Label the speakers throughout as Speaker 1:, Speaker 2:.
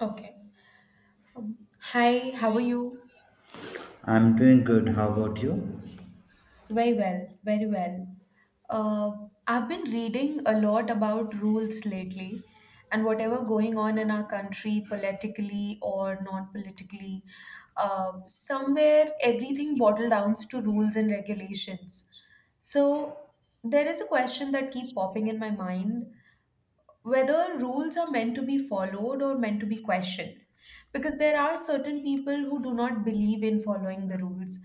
Speaker 1: Okay. Um, Hi, how are you?
Speaker 2: I'm doing good. How about you?
Speaker 1: Very well, very well. Uh, I've been reading a lot about rules lately, and whatever going on in our country, politically or non-politically. Somewhere everything boiled down to rules and regulations. So there is a question that keep popping in my mind whether rules are meant to be followed or meant to be questioned, because there are certain people who do not believe in following the rules.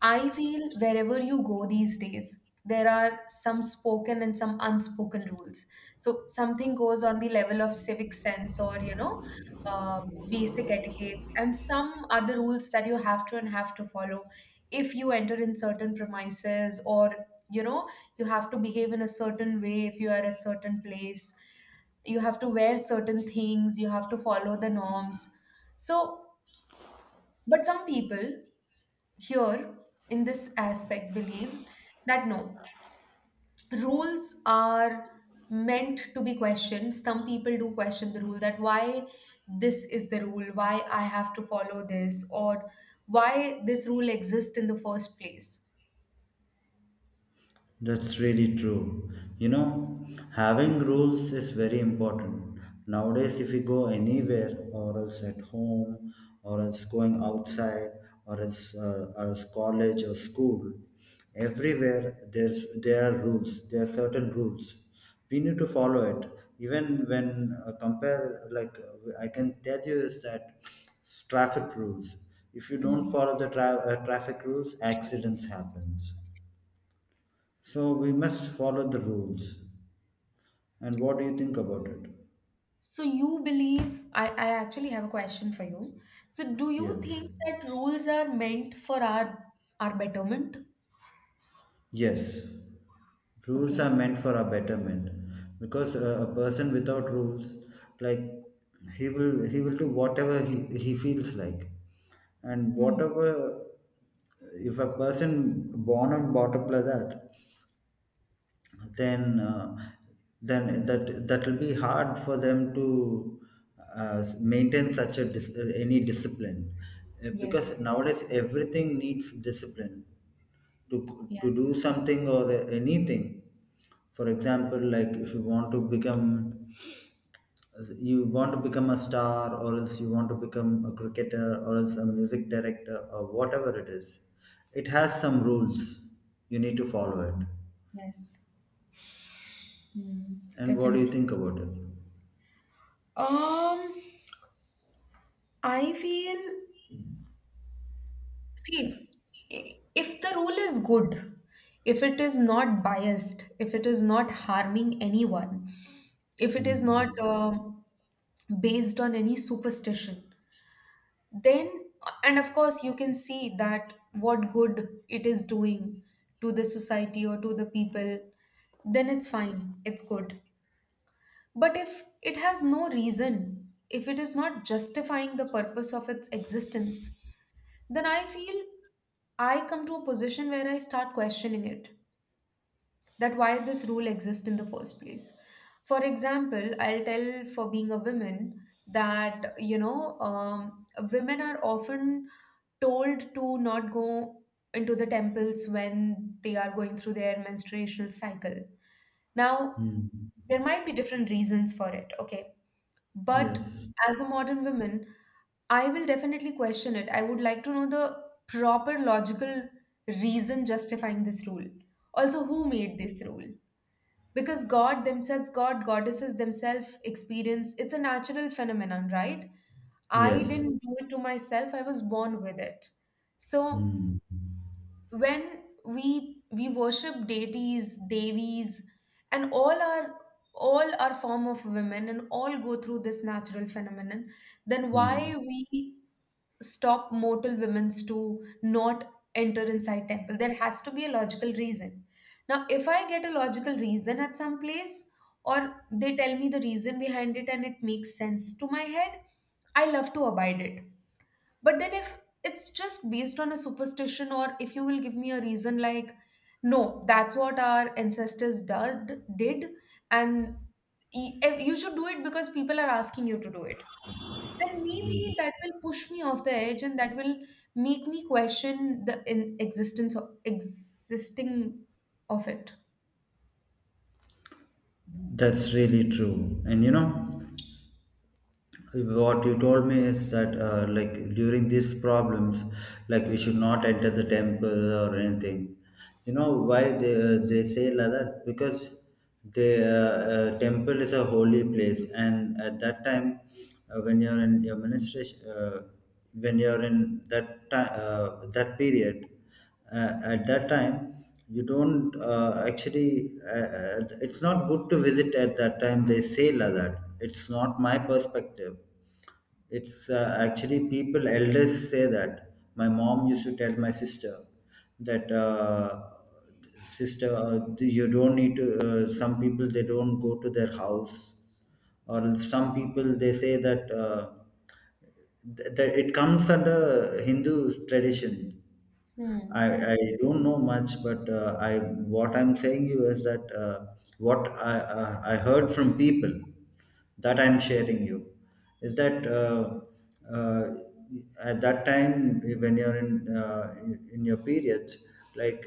Speaker 1: I feel wherever you go these days, there are some spoken and some unspoken rules. So something goes on the level of civic sense or, uh, basic etiquettes, and some other rules that you have to and have to follow if you enter in certain premises, or, you know, you have to behave in a certain way. If you are at certain place, you have to wear certain things, you have to follow the norms. So but some people here, in this aspect, believe that no, rules are meant to be questioned. Some people do question the rule, that why this is the rule, why I have to follow this, or why this rule exists in the first place.
Speaker 2: That's really true. You know, having rules is very important. Nowadays, if you go anywhere, or else at home, or else going outside, or else as college or school, everywhere there are rules. There are certain rules. We need to follow it. Even when compare, like I can tell you is that traffic rules. If you don't
Speaker 1: Hmm.
Speaker 2: follow the traffic rules, accidents happens, so we must follow the rules. And what do you think about it?
Speaker 1: So you believe, I actually have a question for you. So do you
Speaker 2: Yes.
Speaker 1: think that rules are meant for our betterment?
Speaker 2: Yes. Rules are
Speaker 1: Okay.
Speaker 2: meant for our betterment because a person without rules, like, he will do whatever he feels like, and
Speaker 1: Hmm.
Speaker 2: whatever. If a person born and brought up like that, then uh, then that will be hard for them to maintain such a any discipline. Because
Speaker 1: Yes.
Speaker 2: nowadays everything needs discipline to do
Speaker 1: Yes.
Speaker 2: something or anything. For example, like, if you want to become you want to become a star, or else you want to become a cricketer, or else a music director, or whatever it is, it has some rules. You need to follow it.
Speaker 1: Yes. Hmm.
Speaker 2: And what do you
Speaker 1: Definitely.
Speaker 2: think about it?
Speaker 1: Um, I feel, see, if the rule is good, if it is not biased, if it is not harming anyone, if it is
Speaker 2: Hmm.
Speaker 1: not based on any superstition, then, and of course you can see that what good it is doing to the society or to the people, then it's fine, it's good. But if it has no reason, if it is not justifying the purpose of its existence, then I feel I come to a position where I start questioning it, that why this rule exists in the first place. For example, I'll tell, for being a woman, that women are often told to not go into the temples when they are going through their menstruational cycle. Now,
Speaker 2: Hmm.
Speaker 1: there might be different reasons for it, okay, but
Speaker 2: Yes.
Speaker 1: as a modern woman, I will definitely question it. I would like to know the proper logical reason justifying this rule. Also, who made this rule? Because god themselves, god goddesses themselves experience it's a natural phenomenon, right? I
Speaker 2: Yes.
Speaker 1: didn't do it to myself, I was born with it. So
Speaker 2: Hmm.
Speaker 1: when we worship deities devis, and all our form of women and all go through this natural phenomenon, then why
Speaker 2: Yes.
Speaker 1: we stop mortal women's to not enter inside temple? There has to be a logical reason. Now if I get a logical reason at some place, or they tell me the reason behind it and it makes sense to my head, I love to abide it. But then, if it's just based on a superstition, or if you will give me a reason like, no, that's what our ancestors did, and you should do it because people are asking you to do it, then maybe that will push me off the edge, and that will make me question the in existence of existing of it.
Speaker 2: That's really true. And you know, what you told me is that, like, during these problems, like, we should not enter the temple or anything. You know why they say like that? Because the temple is a holy place, and at that time, when you're in your ministration, when you're in that time, that period. At that time, you don't, actually, it's not good to visit at that time. They say like that. It's not my perspective. It's, actually, people, elders say that. My mom used to tell my sister that, sister, you don't need to, some people they don't go to their house, or some people they say that, that it comes under Hindu tradition.
Speaker 1: Hmm.
Speaker 2: I don't know much, but I, what I'm saying you is that, what I heard from people, that I'm sharing you, is that, uh, at that time when you're in your periods, like,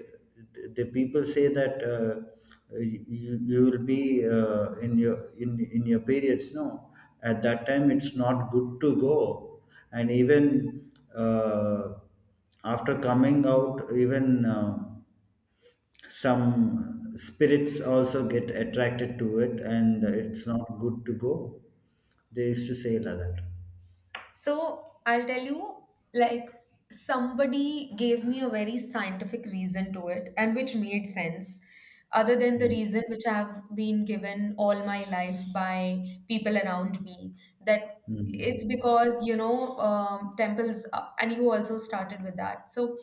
Speaker 2: the people say that, you, you will be, in your in your periods. No, at that time it's not good to go, and even. After coming out, even, some spirits also get attracted to it, and it's not good to go. They used to say like that.
Speaker 1: So I'll tell you, like, somebody gave me a very scientific reason to it, and which made sense, other than the
Speaker 2: Mm,
Speaker 1: reason which I've been given all my life by people around me, that it's
Speaker 2: mm.
Speaker 1: because, you know, temples, and you also started with that. So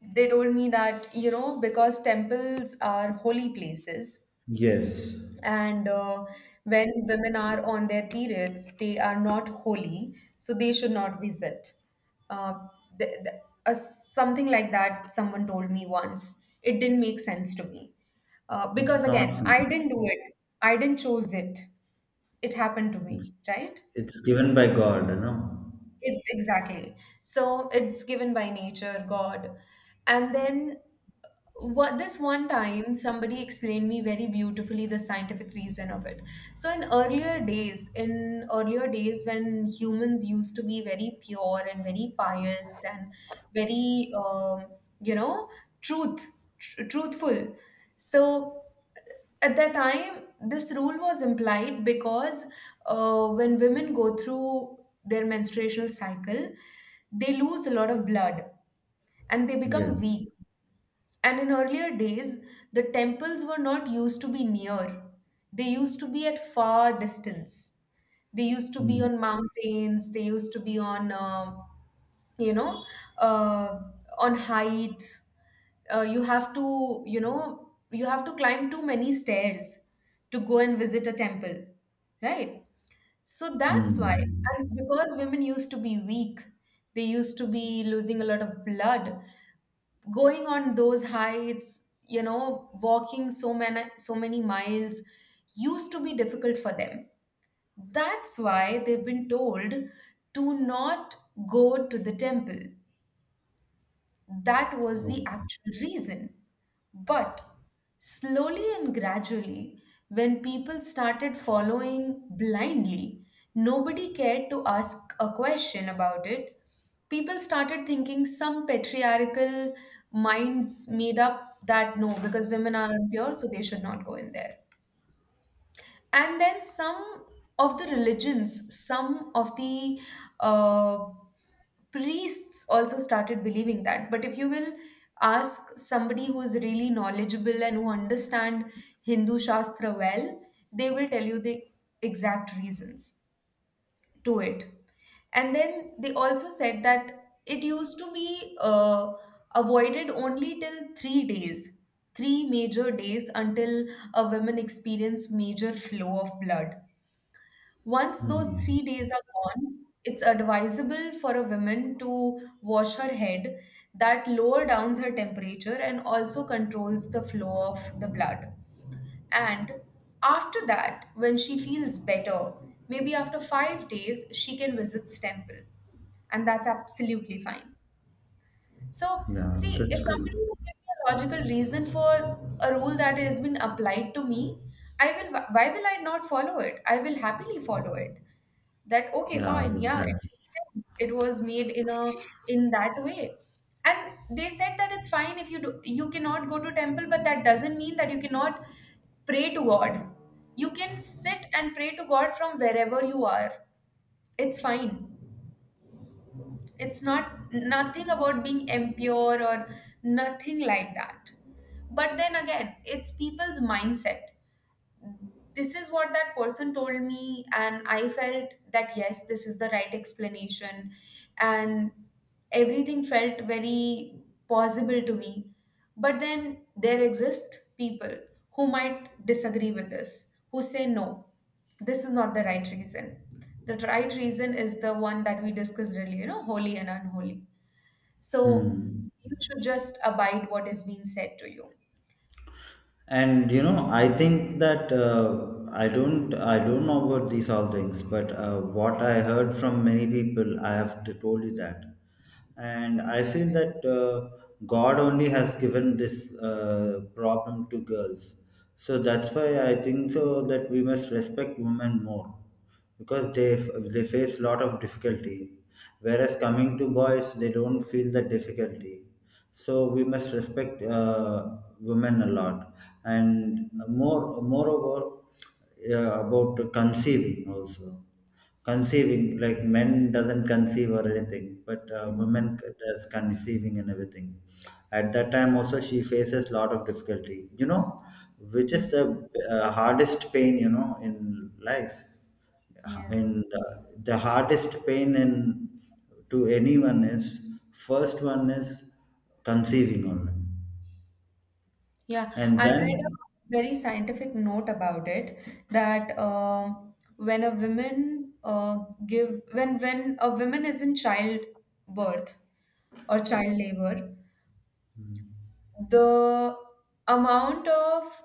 Speaker 1: they told me that, you know, because temples are holy places,
Speaker 2: Yes,
Speaker 1: and when women are on their periods, they are not holy, so they should not visit. Uh, th- th- Something like that, someone told me once. It didn't make sense to me. Because
Speaker 2: it's not
Speaker 1: again, I
Speaker 2: something.
Speaker 1: didn't do it, I didn't choose it. It happened to me,
Speaker 2: it's,
Speaker 1: right?
Speaker 2: it's given by God,
Speaker 1: It's exactly. So it's given by nature, God. And then what this one time somebody explained me very beautifully the scientific reason of it. So in earlier days, when humans used to be very pure and very pious and very you know, truth, truthful, so at that time this rule was implied because when women go through their menstruational cycle, they lose a lot of blood and they become
Speaker 2: yes.
Speaker 1: weak. And in earlier days, the temples were not used to be near. They used to be at far distance. They used to be
Speaker 2: Mm.
Speaker 1: on mountains, they used to be on, you know, uh, on heights. You have to, you know, you have to climb too many stairs to go and visit a temple, right? So that's why.
Speaker 2: Mm.
Speaker 1: And because women used to be weak, they used to be losing a lot of blood, going on those heights, you know, walking so many miles used to be difficult for them. That's why they've been told to not go to the temple. That was
Speaker 2: Oh,
Speaker 1: the actual reason. But slowly and gradually, when people started following blindly, nobody cared to ask a question about it. People started thinking some patriarchal minds made up that no, because women are impure, so they should not go in there. And then some of the religions, some of the uh, priests also started believing that. But if you will ask somebody who is really knowledgeable and who understand hindu shastra well, they will tell you the exact reasons to it. And then they also said that it used to be avoided only till 3 days, three major days until a woman experienced major flow of blood. Once those 3 days are gone, it's advisable for a woman to wash her head. That lower downs her temperature and also controls the flow of the blood. And after that, when she feels better, maybe after 5 days, she can visit temple. And that's absolutely fine. So,
Speaker 2: yeah,
Speaker 1: see,
Speaker 2: that's
Speaker 1: if
Speaker 2: good.
Speaker 1: somebody will give me a logical reason for a rule that has been applied to me, I will, why will I not follow it? I will happily follow it. That, okay,
Speaker 2: Yeah,
Speaker 1: fine, yeah, it
Speaker 2: exactly.
Speaker 1: makes sense. It was made in a in that way. And they said that it's fine if you do, you cannot go to temple, but that doesn't mean that you cannot pray to God. You can sit and pray to God from wherever you are. It's fine, it's not nothing about being impure or nothing like that. But then again, it's people's mindset. This is what that person told me, and I felt that yes, this is the right explanation, and everything felt very possible to me. But then there exist people who might disagree with this, who say no, this is not the right reason. The right reason is the one that we discussed earlier, you know, holy and unholy. So
Speaker 2: Hmm.
Speaker 1: you should just abide what is being said to you.
Speaker 2: And I think that, I don't know about these all things, but what I heard from many people I have to told you that, and I feel that, God only has given this, problem to girls, so that's why I think so, that we must respect women more, because they face a lot of difficulty, whereas coming to boys they don't feel the difficulty, so we must respect, women a lot. And moreover, about conceiving also. Conceiving, like, men doesn't conceive or anything, but women
Speaker 1: Mhm.
Speaker 2: does conceiving and everything. At that time also she faces lot of difficulty, which is
Speaker 1: Mm.
Speaker 2: the, hardest pain in life. Yeah.
Speaker 1: Yes.
Speaker 2: And the hardest pain in, to anyone, is, first one is conceiving only.
Speaker 1: Yeah,
Speaker 2: And
Speaker 1: I read a
Speaker 2: then,
Speaker 1: very scientific note about it, that when a woman give when a woman is in childbirth or child labor, the amount of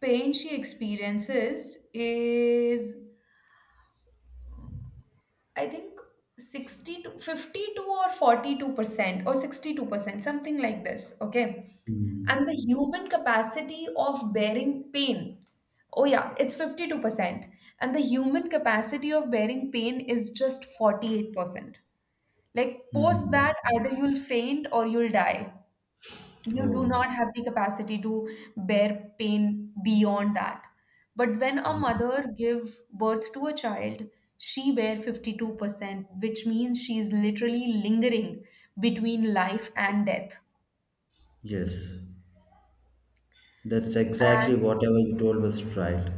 Speaker 1: pain she experiences is I think 60 to 52 or 42% or 62%, something like this. Okay, and the
Speaker 2: Hmm.
Speaker 1: human capacity of bearing pain, oh yeah, it's 52% and the human capacity of bearing pain is just 48%. Like post
Speaker 2: Hmm.
Speaker 1: that either you'll faint or you'll die. You do
Speaker 2: Oh
Speaker 1: not have the capacity to bear pain beyond that. But when a
Speaker 2: yeah.
Speaker 1: mother give birth to a child, she bear 52%, which means she's literally lingering between life and death.
Speaker 2: Yes, that's exactly whatever you told was right.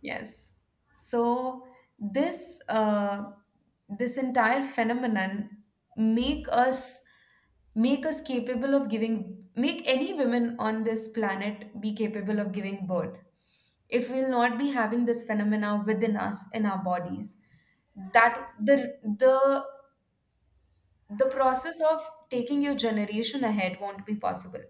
Speaker 1: Yes. So this uh, this entire phenomenon, make us make us capable of giving, make any women on this planet be capable of giving birth. If we'll not be having this phenomena within us in our bodies, that the process of taking your generation ahead won't be possible,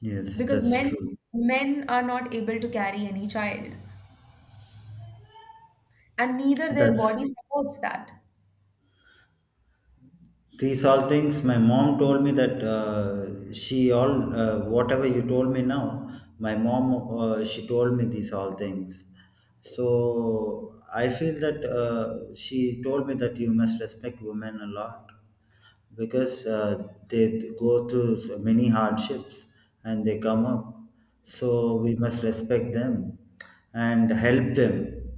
Speaker 2: Yes,
Speaker 1: because
Speaker 2: that's
Speaker 1: men
Speaker 2: true.
Speaker 1: men are not able to carry any child, and neither their
Speaker 2: That's,
Speaker 1: body supports that.
Speaker 2: these all things my mom told me that, she all, whatever you told me now, my mom, she told me these all things. So I feel that, she told me that you must respect women a lot, because they go through so many hardships and they come up. So we must respect them and help them,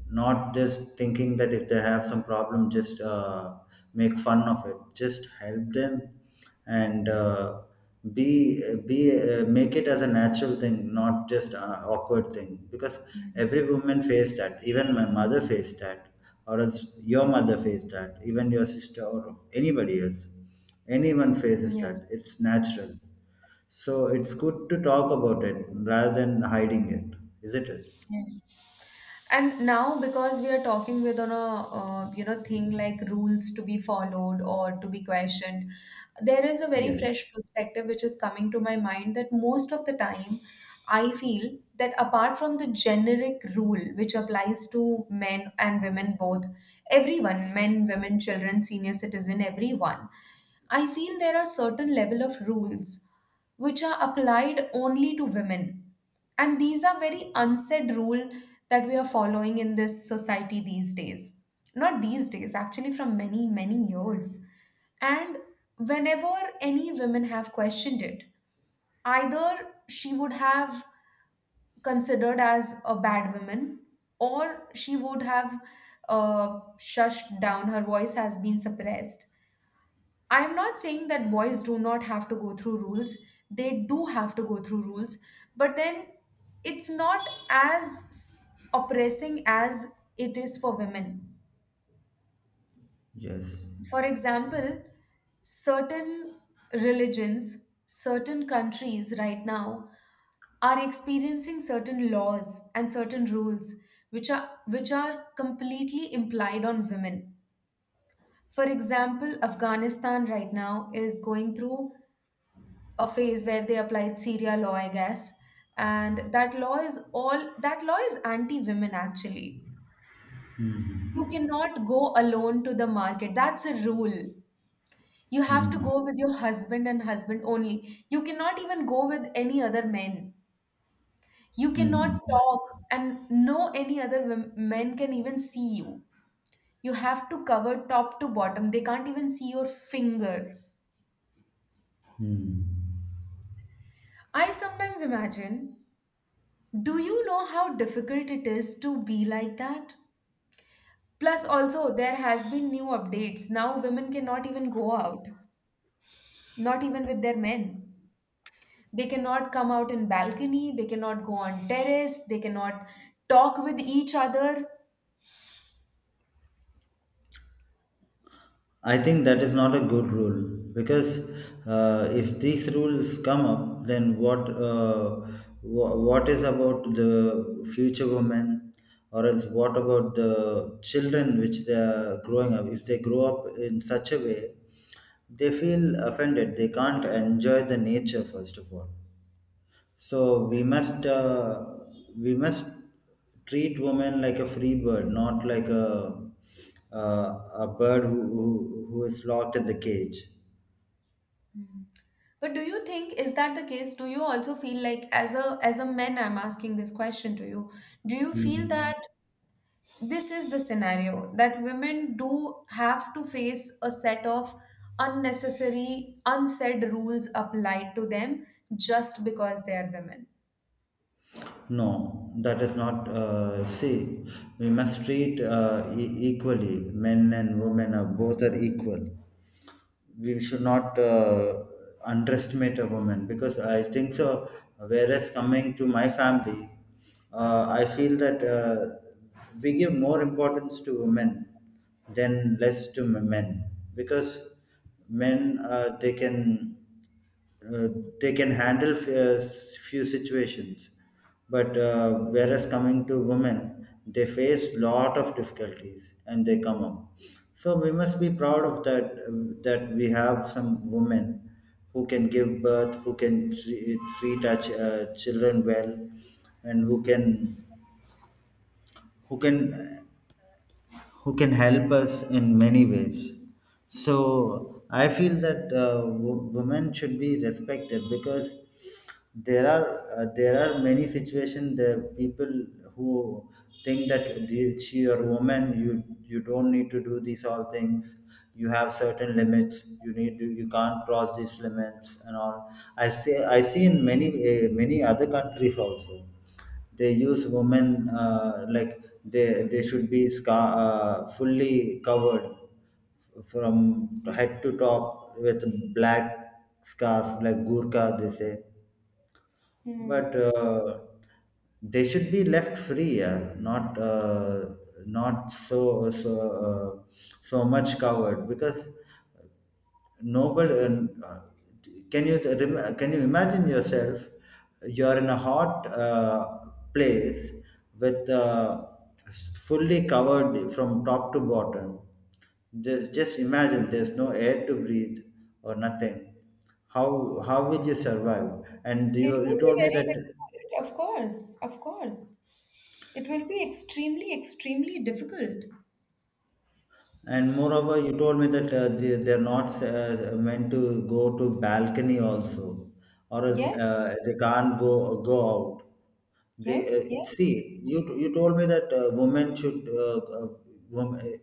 Speaker 2: not just thinking that if they have some problem, just, make fun of it. Just help them. And be, make it as a natural thing, not just an awkward thing. Because every
Speaker 1: Mhm.
Speaker 2: woman faced that. Even my mother faced that, or else your mother faced that. Even your sister or anybody else, anyone faces
Speaker 1: Yes.
Speaker 2: that. It's natural. So it's good to talk about it rather than hiding it, isn't it?
Speaker 1: Yes. And now, because we are talking with on a thing like rules to be followed or to be questioned, there is a very
Speaker 2: Yes.
Speaker 1: fresh perspective which is coming to my mind, that most of the time I feel that apart from the generic rule which applies to men and women both, everyone, men, women, children, senior citizen, everyone. I feel there are certain level of rules which are applied only to women. And these are very unsaid rule that we are following in this society these days. Not these days, actually from many, many years. And whenever any women have questioned it, either she would have considered as a bad woman, or she would have shushed down, her voice has been suppressed. I'm not saying that boys do not have to go through rules. They do have to go through rules, but then it's not as oppressing as it is for women.
Speaker 2: Yes.
Speaker 1: For example, certain religions, certain countries right now are experiencing certain laws and certain rules which are completely implied on women. For example, Afghanistan right now is going through a phase where they applied Sharia law, I guess. And that law is anti-women actually. You cannot go alone to the market. That's a rule. You have to
Speaker 2: Hmm.
Speaker 1: go with your husband and husband only. You cannot even go with any other men. You cannot
Speaker 2: Hmm.
Speaker 1: talk, and no any other men can even see you. You have to cover top to bottom. They can't even see your finger.
Speaker 2: Hmm.
Speaker 1: I sometimes imagine, do you know how difficult it is to be like that? Plus, also, there has been new updates. Now, women cannot even go out, not even with their men. They cannot come out in balcony. They cannot go on terrace. They cannot talk with each other.
Speaker 2: I think that is not a good rule, because, if these rules come up, then what, what is about the future women, or else what about the children which they are growing up? If they grow up in such a way, they feel offended. They can't enjoy the nature first of all. So we must, we must treat women like a free bird, not like a, a bird who, who is locked in the cage.
Speaker 1: Mm. But do you think is that the case? Do you also feel, like, as a man, I'm asking this question to you. Do you feel
Speaker 2: Hmm.
Speaker 1: that this is the scenario, that women do have to face a set of unnecessary, unsaid rules applied to them just because they are women?
Speaker 2: No, that is not. See, we must treat, equally. Men and women are both are equal. We should not, underestimate a woman, because I think so. Whereas coming to my family, I feel that, we give more importance to women than less to men, because men, they can, uh, they can handle few situations, but whereas coming to women, they face lot of difficulties and they come up. So we must be proud of that, that we have some women who can give birth, who can treat our children well, and who can, who can who can help us in many ways. So I feel that, women should be respected, because there are, there are many situations there, people who think that the, she or woman, you don't need to do these all things, you have certain limits, you need to, you can't cross these limits, and all. I see in many, many other countries also they use women, like, they should be fully covered from head to top with black scarf, like gurkha, they say. But
Speaker 1: Hmm.
Speaker 2: they should be left free, yeah, not, not so, so uh, so much covered. Because nobody. Can you can you imagine yourself? You're in a hot, place, with, fully covered from top to bottom. Just imagine there's no air to breathe or nothing. How will you survive? And
Speaker 1: It
Speaker 2: you
Speaker 1: will
Speaker 2: told
Speaker 1: be
Speaker 2: me that.
Speaker 1: very difficult. Of course, of course. It will be extremely, extremely difficult.
Speaker 2: And moreover, you told me that, they, they're not, meant to go to balcony also, or else,
Speaker 1: Yes,
Speaker 2: they can't go out. They,
Speaker 1: yes, yes,
Speaker 2: see you. You told me that, women should. Women,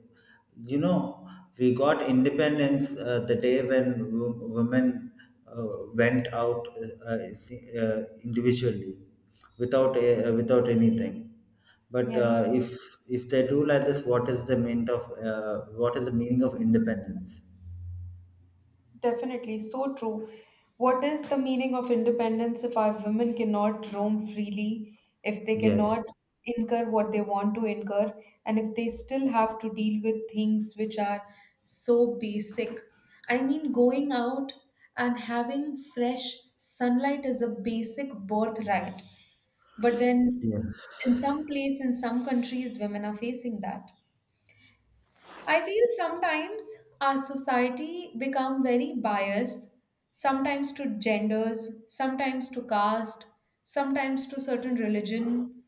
Speaker 2: you know, we got independence, the day when women, uh, went out, individually, without a, without anything. But
Speaker 1: yes.
Speaker 2: if they do like this, what is the meaning of, what is the meaning of independence?
Speaker 1: Definitely, so true. What is the meaning of independence if our women cannot roam freely, if they
Speaker 2: Yes.
Speaker 1: cannot incur what they want to incur, and if they still have to deal with things which are so basic? I mean, going out and having fresh sunlight is a basic birthright. But then,
Speaker 2: Yes.
Speaker 1: in some place, in some countries, women are facing that. I feel sometimes our society become very biased, sometimes to genders, sometimes to caste, sometimes to certain religion,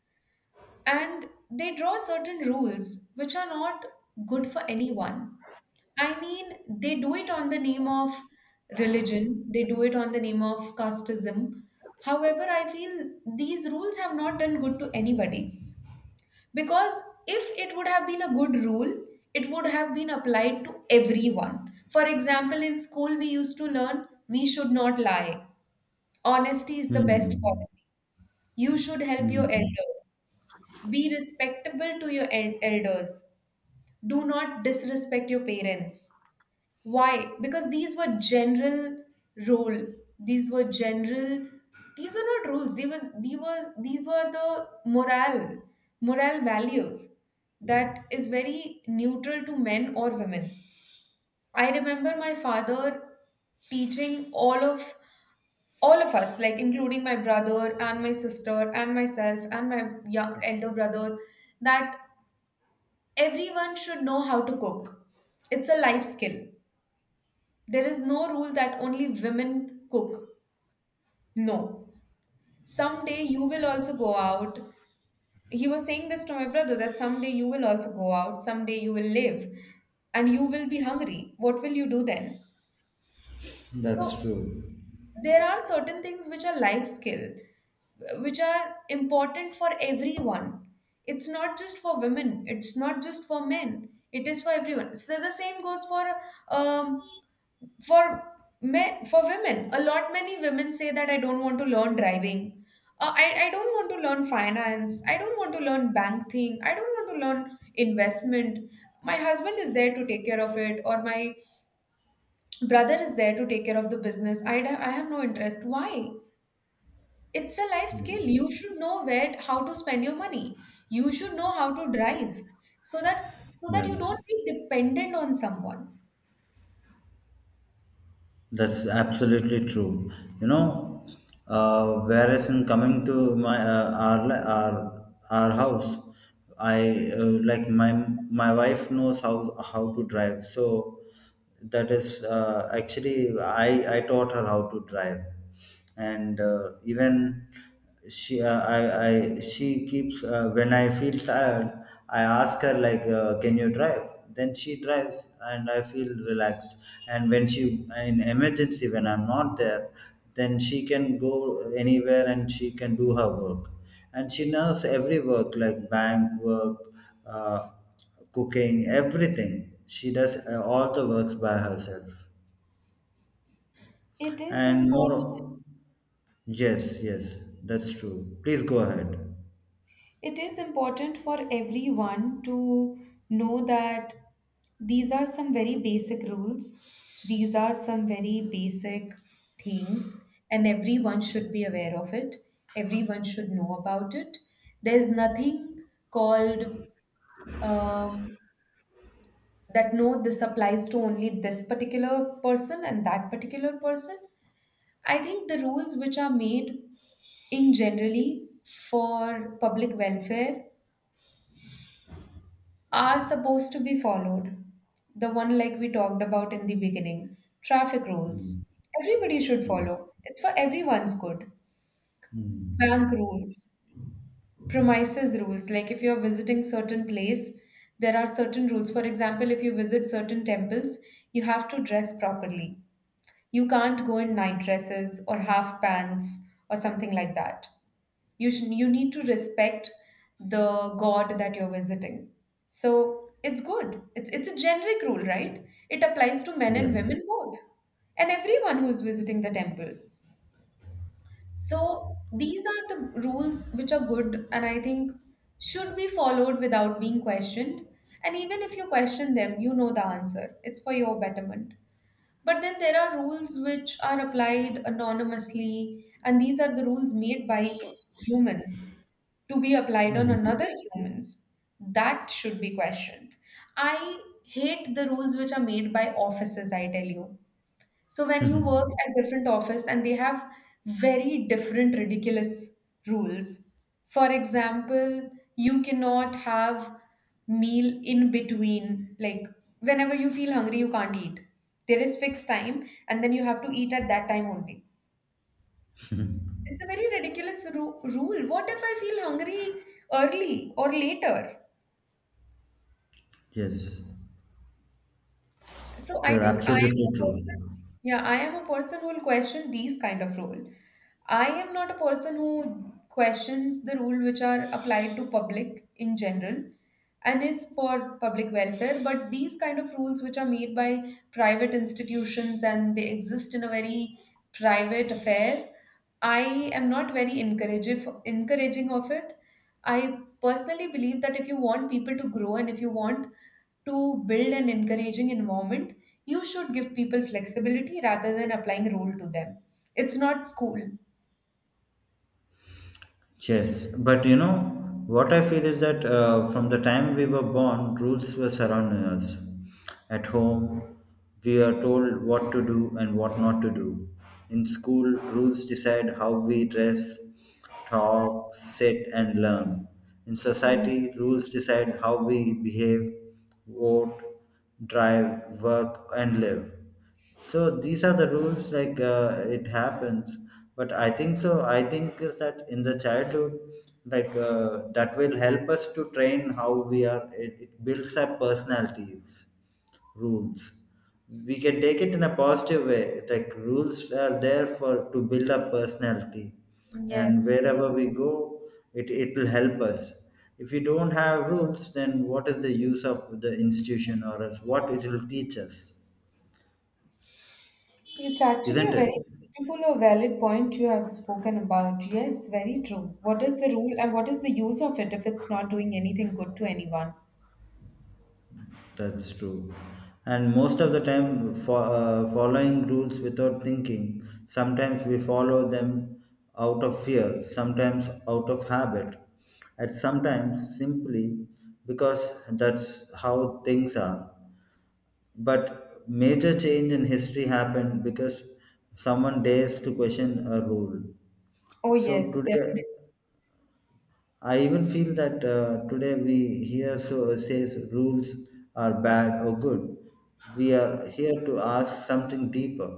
Speaker 1: and they draw certain rules which are not good for anyone. I mean, they do it on the name of religion, they do it on the name of casteism. However, I feel these rules have not done good to anybody. Because if it would have been a good rule, it would have been applied to everyone. For example, in school, we used to learn we should not lie. Honesty is the best
Speaker 2: Hmm.
Speaker 1: policy. You should help your
Speaker 2: Hmm.
Speaker 1: elders. Be respectable to your elders. Do not disrespect your parents. Why? Because these were general rule. These were general. These are not rules. They was. These were. These were the morale, moral values that is very neutral to men or women. I remember my father teaching all of us, like including my brother and my sister and myself and my young elder brother, that everyone should know how to cook. It's a life skill. There is no rule that only women cook. No. Someday you will also go out. He was saying this to my brother, that someday you will also go out, someday you will live, and you will be hungry. What will you do then?
Speaker 2: That's
Speaker 1: So,
Speaker 2: true.
Speaker 1: there are certain things which are life skill, which are important for everyone. It's not just for women, it's not just for men, it is for everyone. So, the same goes um, for men, for women. A lot many women say that I don't want to learn driving, I don't want to learn finance, I don't want to learn bank thing, I don't want to learn investment, my husband is there to take care of it, or my brother is there to take care of the business. I have no interest. Why? It's a life skill.
Speaker 2: Hmm.
Speaker 1: You should know where how to spend your money, you should know how to drive, so that's so that you
Speaker 2: Yes.
Speaker 1: don't be dependent on someone.
Speaker 2: That's absolutely true. You know, whereas in coming to my, our our house, I, like my wife knows how to drive. So that is, actually I taught her how to drive. And even she uh, I, I, she keeps, when I feel tired, I ask her like, can you drive, then she drives and I feel relaxed. And when she, in emergency when I'm not there, then she can go anywhere and she can do her work. And she knows every work, like bank work, uh, cooking, everything. She does, all the works by herself.
Speaker 1: It is
Speaker 2: And
Speaker 1: important.
Speaker 2: more, yes, yes, that's true. Please go ahead.
Speaker 1: It is important for everyone to know that these are some very basic rules. These are some very basic things, and everyone should be aware of it. Everyone should know about it. There's nothing called, um, that no, this applies to only this particular person and that particular person. I think the rules which are made in generally for public welfare are supposed to be followed. The one like we talked about in the beginning, traffic
Speaker 2: Mm,
Speaker 1: rules. Everybody should
Speaker 2: mm,
Speaker 1: follow. It's for everyone's good. Bank
Speaker 2: mm.
Speaker 1: rules, premises rules. Like if you're visiting certain place, there are certain rules. For example, if you visit certain temples, you have to dress properly. You can't go in night dresses or half pants or something like that. You you need to respect the god that you're visiting. So it's good. It's a generic rule, right? It applies to men and
Speaker 2: Yes,
Speaker 1: women both, and everyone who's visiting the temple. So these are the rules which are good, and I think should be followed without being questioned. And even if you question them, you know the answer, it's for your betterment. But then there are rules which are applied anonymously, and these are the rules made by humans to be applied on
Speaker 2: mm,
Speaker 1: another humans, that should be questioned. I hate the rules which are made by offices, I tell you. So when you work at different office and they have very different ridiculous rules. For example, you cannot have meal in between, like whenever you feel hungry you can't eat, there is fixed time and then you have to eat at that time only. It's a very ridiculous ru rule. What if I feel hungry early or later?
Speaker 2: yes,
Speaker 1: So I
Speaker 2: you're
Speaker 1: think I am
Speaker 2: absolutely
Speaker 1: a
Speaker 2: true.
Speaker 1: person, yeah, I am a person who will question these kind of rule. I am not a person who questions the rule which are applied to public in general and is for public welfare, but these kind of rules which are made by private institutions and they exist in a very private affair, I am not very encouraging of it. I personally believe that if you want people to grow and if you want to build an encouraging environment, you should give people flexibility rather than applying rule to them. It's not school.
Speaker 2: Yes, but you know what I feel is that, from the time we were born, rules were surrounding us. At home, we are told what to do and what not to do. In school, rules decide how we dress, talk, sit, and learn. In
Speaker 1: Mm.
Speaker 2: society, rules decide how we behave, vote, drive, work, and live. So these are the rules, like, it happens. But I think so, I think is that in the childhood, like, that will help us to train how we are, it builds our personalities. Rules, we can take it in a positive way. Like, rules are there for to build up personality, and
Speaker 1: Yes,
Speaker 2: wherever we go it, it will help us. If you don't have rules, then what is the use of the institution, or else what it will teach us,
Speaker 1: it's actually
Speaker 2: isn't
Speaker 1: a
Speaker 2: it?
Speaker 1: very beautiful or valid point you have spoken about. Yes, very true. What is the rule and what is the use of it if it's not doing anything good to anyone?
Speaker 2: That's true. And most of the time, following rules without thinking. Sometimes we follow them out of fear, sometimes out of habit, and sometimes simply because that's how things are. But major change in history happened because someone dares to question a rule.
Speaker 1: Oh,
Speaker 2: So
Speaker 1: yes,
Speaker 2: today,
Speaker 1: definitely.
Speaker 2: I even feel that, today we hear so says rules are bad or good. We are here to ask something deeper.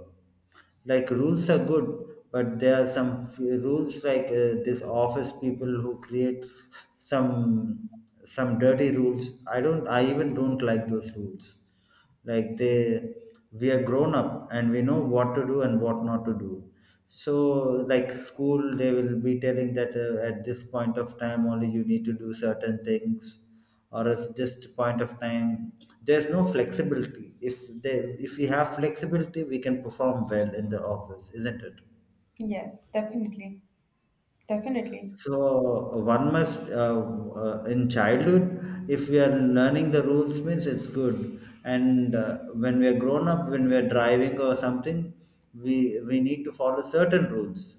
Speaker 2: Like, rules are good, but there are some few rules like, this office people who create some, dirty rules. I don't. I even don't like those rules. Like they, we are grown up and we know what to do and what not to do. So, like school, they will be telling that, at this point of time only you need to do certain things, or at this point of time there's no flexibility. If they, if we have flexibility, we can perform well in the office, isn't it?
Speaker 1: Yes, definitely. Definitely.
Speaker 2: So one must, in childhood, if we are learning the rules, means it's good. And when we are grown up, when we are driving or something, we need to follow certain rules.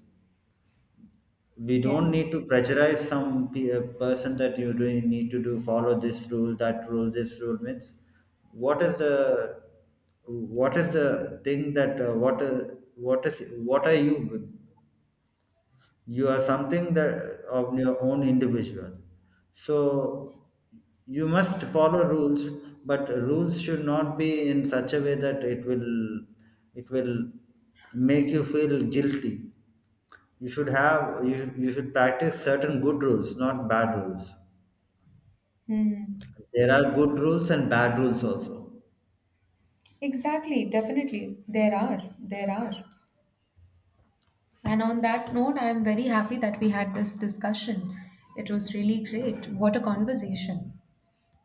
Speaker 2: We don't
Speaker 1: Yes.
Speaker 2: need to pressurize some person, that you do need to do follow this rule, that rule, this rule means, what is the, what is the thing that, what, what is, what are you, you are something that of your own individual. So you must follow rules, but rules should not be in such a way that it will make you feel guilty. You should have, you should practice certain good rules, not bad rules.
Speaker 1: Hmm.
Speaker 2: There are good rules and bad rules also.
Speaker 1: Exactly, definitely. There are. There are. And on that note, I am very happy that we had this discussion. It was really great. What a conversation.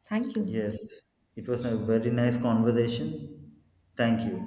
Speaker 1: Thank you.
Speaker 2: Yes, it was a very nice conversation. Thank you.